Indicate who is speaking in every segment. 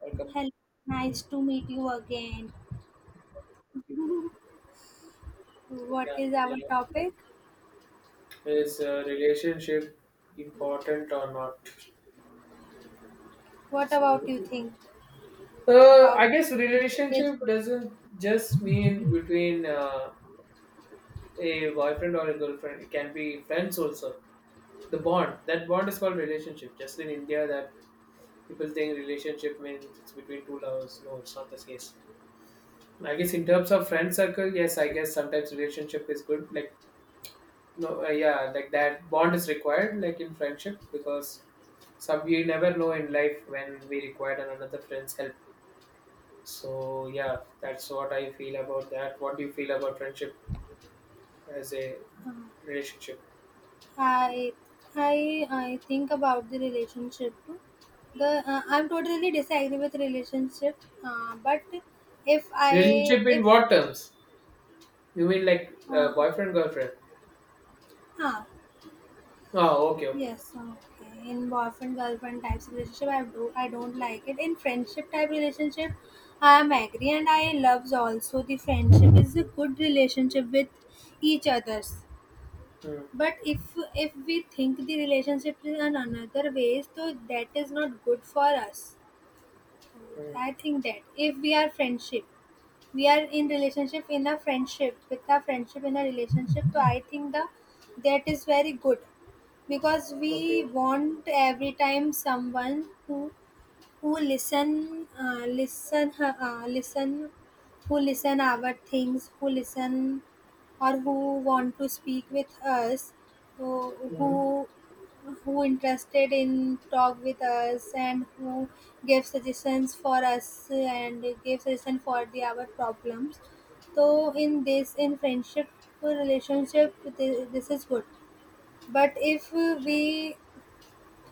Speaker 1: Like a
Speaker 2: Hello, nice to meet you again. What
Speaker 1: yeah,
Speaker 2: is our
Speaker 1: yeah,
Speaker 2: topic?
Speaker 1: yeah. is Relationship important or not?
Speaker 2: What about
Speaker 1: so
Speaker 2: you think
Speaker 1: uh, I
Speaker 2: about
Speaker 1: guess
Speaker 2: relationship is
Speaker 1: relationship
Speaker 2: good?
Speaker 1: doesn't just mean between a boyfriend or a girlfriend, it can be friends also. The bond that bond is called relationship. Just in India, that people think relationship means it's between two lovers. No, it's not the case. I guess in terms of friend circle, yes, I guess sometimes relationship is good. Like no yeah, like that bond is required, like in friendship, because we never know in life when we required another friend's help. So yeah, that's what I feel about that. What do you feel about friendship as a
Speaker 2: Um,
Speaker 1: relationship?
Speaker 2: I I think about the relationship too. The I'm totally disagree with relationship. But if I
Speaker 1: Relationship in
Speaker 2: if
Speaker 1: what terms? You mean like
Speaker 2: uh,
Speaker 1: boyfriend, girlfriend?
Speaker 2: huh,
Speaker 1: Oh, okay, okay.
Speaker 2: Yes, okay. In boyfriend girlfriend types of relationship, I don't like it. In friendship type relationship, I am agree and I loves also the friendship is a good relationship with each others.
Speaker 1: mm,
Speaker 2: But if we think the relationship is in another ways, so that is not good for us.
Speaker 1: mm,
Speaker 2: I think that if we are friendship we are in relationship in a friendship with a friendship in a relationship so I think the that is very good because we
Speaker 1: okay.
Speaker 2: want every time someone who listen listen who listen our things who listen or who want to speak with us who who
Speaker 1: mm,
Speaker 2: who interested in talk with us and who give suggestions for us and give suggestion for the our problems so in friendship relationship this is good but if we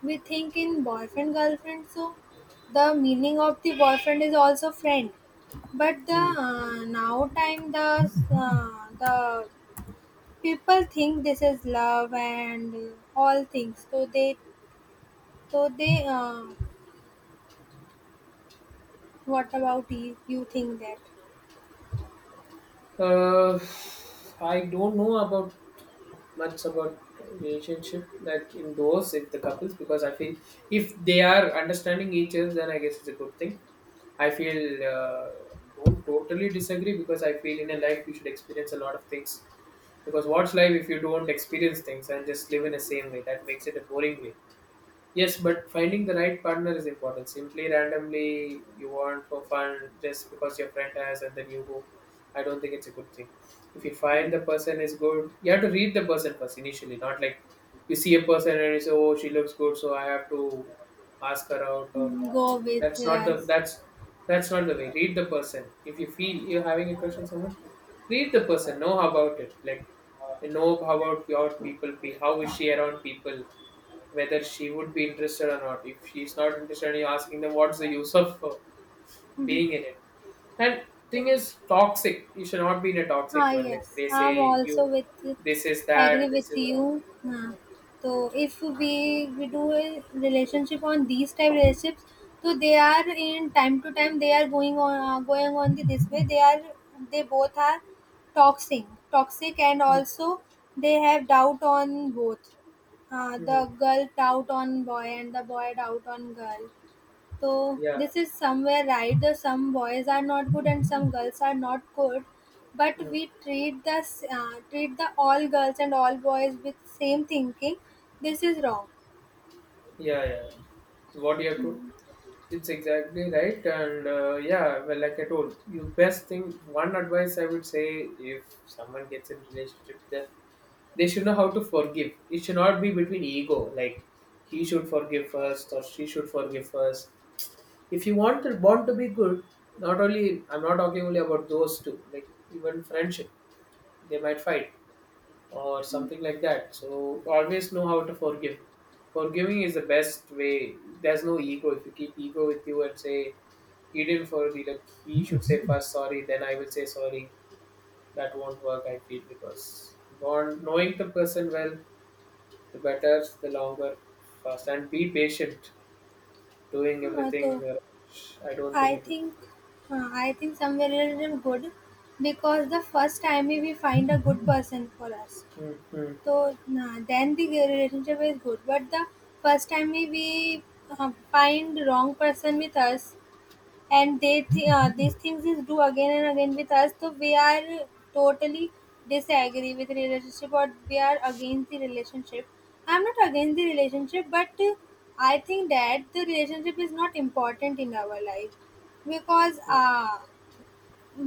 Speaker 2: we think in boyfriend-girlfriend, so the meaning of the boyfriend is also friend. But the
Speaker 1: mm.
Speaker 2: now time the people think this is love and all things. So they so they uh, what about you? You think that
Speaker 1: Uh, I don't know about much about relationship, like in those, if the couples, because I feel if they are understanding each other, then I guess it's a good thing. I feel don't totally disagree, because I feel in a life you should experience a lot of things. Because what's life if you don't experience things and just live in the same way? That makes it a boring way. Yes, but finding the right partner is important. Simply randomly you want for fun just because your friend has and then you go. I don't think it's a good thing. If you find the person is good, you have to read the person first initially, not like you see a person and you say, oh, she looks good, so I have to ask her out or
Speaker 2: Mm, go with
Speaker 1: that's not the
Speaker 2: us?
Speaker 1: that's that's not the way. Read the person. If you feel you're having a crush on someone, read the person. Know about it. Like, know about your people. Be, how is she around people? Whether she would be interested or not. If she's not interested, you're asking them, what's the use of being in it? And thing is, toxic. You should not be in a toxic
Speaker 2: Ah,
Speaker 1: one. Like
Speaker 2: yes,
Speaker 1: they
Speaker 2: I'm
Speaker 1: say,
Speaker 2: also
Speaker 1: you,
Speaker 2: with
Speaker 1: this is that,
Speaker 2: agree
Speaker 1: this
Speaker 2: with
Speaker 1: is wrong.
Speaker 2: you. Uh, so if we do a relationship on these type relationships, so they are in time to time they are going on the, this way. They are they both are toxic, toxic, and
Speaker 1: Hmm.
Speaker 2: also they have doubt on both. The
Speaker 1: Hmm.
Speaker 2: girl doubt on boy and the boy doubt on girl. So
Speaker 1: Yeah.
Speaker 2: this is somewhere right. The some boys are not good and some girls are not good, but
Speaker 1: Hmm.
Speaker 2: we treat treat the all girls and all boys with same thinking. This is wrong.
Speaker 1: Yeah. Yeah. What do you have to? It's exactly right, and yeah, well, like I told you, best thing. One advice I would say, if someone gets in relationship, then they should know how to forgive. It should not be between ego, like he should forgive first or she should forgive first. If you want the bond to be good, not only, I'm not talking only about those two, like even friendship, they might fight or something like that. So always know how to forgive. Forgiving is the best way. There's no ego. If you keep ego with you and say he didn't forgive, like he should say first sorry, then I will say sorry. That won't work. I feel because bond, knowing the person well, the better, the longer, fast, and be patient. Doing
Speaker 2: Uh,
Speaker 1: everything,
Speaker 2: So
Speaker 1: I don't think
Speaker 2: I
Speaker 1: it.
Speaker 2: think
Speaker 1: Will.
Speaker 2: I think somewhere it is good because the first time we find a good person for us,
Speaker 1: Mm, mm,
Speaker 2: so then the relationship is good. But the first time we, uh, find wrong person with us, and they these things is do again and again with us so we are totally disagree with relationship or we are against the relationship I'm not against the relationship but I think that the relationship is not important in our life because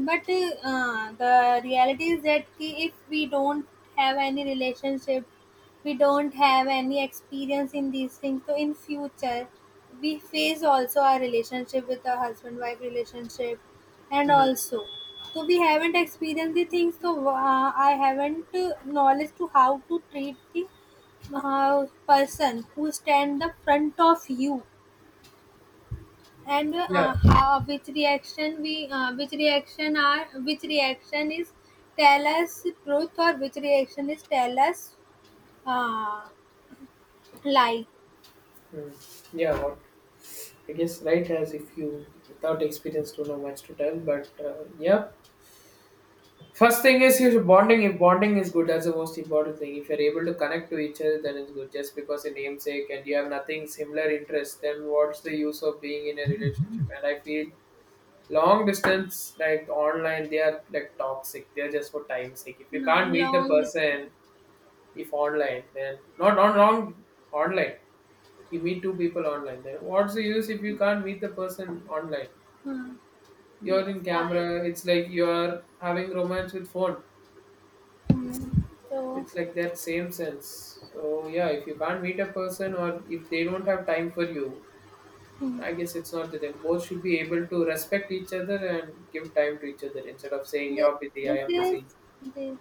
Speaker 2: but the reality is that ki if we don't have any relationship we don't have any experience in these things so in future we face also our relationship with our husband wife relationship and
Speaker 1: mm.
Speaker 2: also so we haven't experienced the things so I haven't knowledge to how to treat the person who stand the front of you and
Speaker 1: Yeah,
Speaker 2: how, which reaction is tell us truth or which reaction is tell us uh, lie.
Speaker 1: mm. yeah. What I guess right, as if you without experience don't know much to tell, but yeah. First thing is your bonding. If bonding is good, that's the most important thing. If you're able to connect to each other, then it's good. Just because a namesake and you have nothing similar interest, then what's the use of being in a relationship? And I feel long distance, like online, they are like toxic. They're just for time's sake. If you
Speaker 2: Hmm,
Speaker 1: can't meet the
Speaker 2: long
Speaker 1: person,
Speaker 2: distance.
Speaker 1: if online, then not on wrong online. You meet two people online. Then what's the use if you can't meet the person online?
Speaker 2: Hmm.
Speaker 1: You're in
Speaker 2: Yes, i.
Speaker 1: camera. It's like you're having romance with phone.
Speaker 2: Hmm. So
Speaker 1: It's like that same sense. So yeah, if you can't meet a person or if they don't have time for you,
Speaker 2: hmm.
Speaker 1: I guess it's not that them. Both should be able to respect each other and give time to each other instead of saying
Speaker 2: this,
Speaker 1: you're busy, I
Speaker 2: this
Speaker 1: am
Speaker 2: is
Speaker 1: busy.
Speaker 2: this,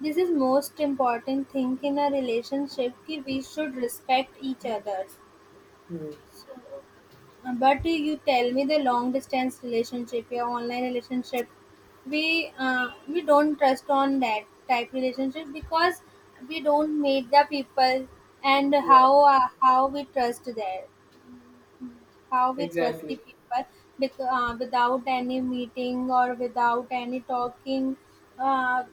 Speaker 2: this is most important thing in a relationship कि we should respect each other
Speaker 1: Hmm.
Speaker 2: but you tell me the long distance relationship your online relationship we don't trust on that type relationship because we don't meet the people and
Speaker 1: Yeah,
Speaker 2: how we trust there how we trust the
Speaker 1: exactly.
Speaker 2: people because, without any meeting or without any talking uh,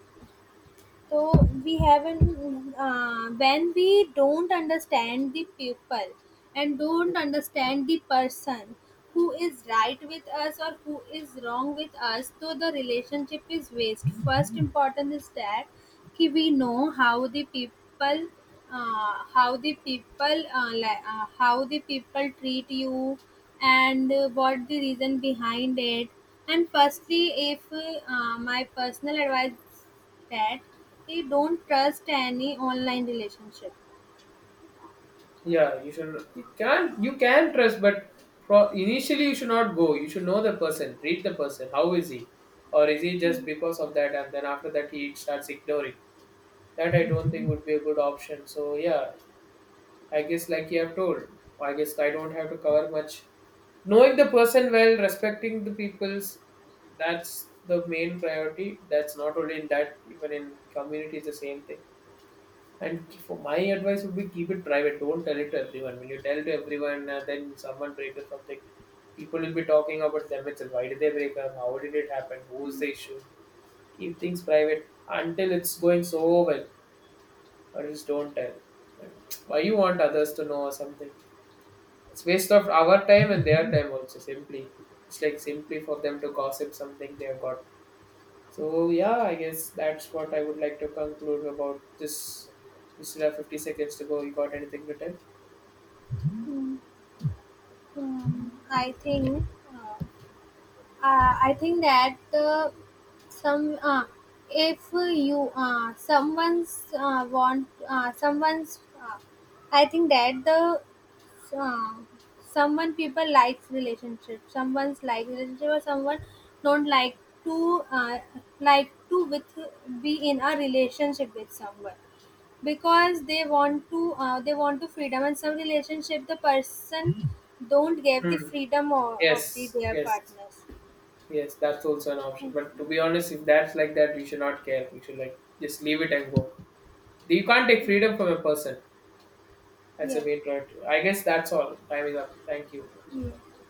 Speaker 2: so we haven't when we don't understand the people and don't understand the person who is right with us or who is wrong with us so the relationship is waste first important is that कि we know how the people how the people how the people treat you and what the reason behind it and firstly if my personal advice that they don't trust any online relationship.
Speaker 1: Yeah, you should. You can, you can trust, but pro, initially you should not go. You should know the person, read the person. How is he, or is he just because of that, and then after that he starts ignoring. That I don't think would be a good option. So yeah, I guess, like you have told, I guess I don't have to cover much. Knowing the person well, respecting the people's, that's the main priority. That's not only in that, even in community, is the same thing. And for my advice would be, keep it private. Don't tell it to everyone. When you tell to everyone, then someone breaks or something, people will be talking about them itself. Why did they break up? How did it happen? Who's the issue? Keep things private until it's going so well, or just don't tell. Like, why you want others to know or something? It's waste of our time and their time also. Simply, it's like simply for them to gossip something they have got. So yeah, I guess that's what I would like to conclude about this. We still have 50 seconds to go. You got anything to tell?
Speaker 2: Hmm. I think. Uh, I think that uh, some uh, if you someone's want someone's uh, I think that the so, someone people likes relationship someone's like relationship or someone don't to uh, like to with be in a relationship with someone because they want to freedom and some relationship the person don't give the
Speaker 1: Hmm.
Speaker 2: freedom of the
Speaker 1: Yes,
Speaker 2: their
Speaker 1: yes,
Speaker 2: partners.
Speaker 1: yes. That's also an option.
Speaker 2: Hmm.
Speaker 1: But to be honest, if that's like that, we should not care. We should like just leave it and go. You can't take freedom from a person. That's
Speaker 2: Yeah.
Speaker 1: a main priority. I guess that's all. Time is up. Thank you.
Speaker 2: Yeah.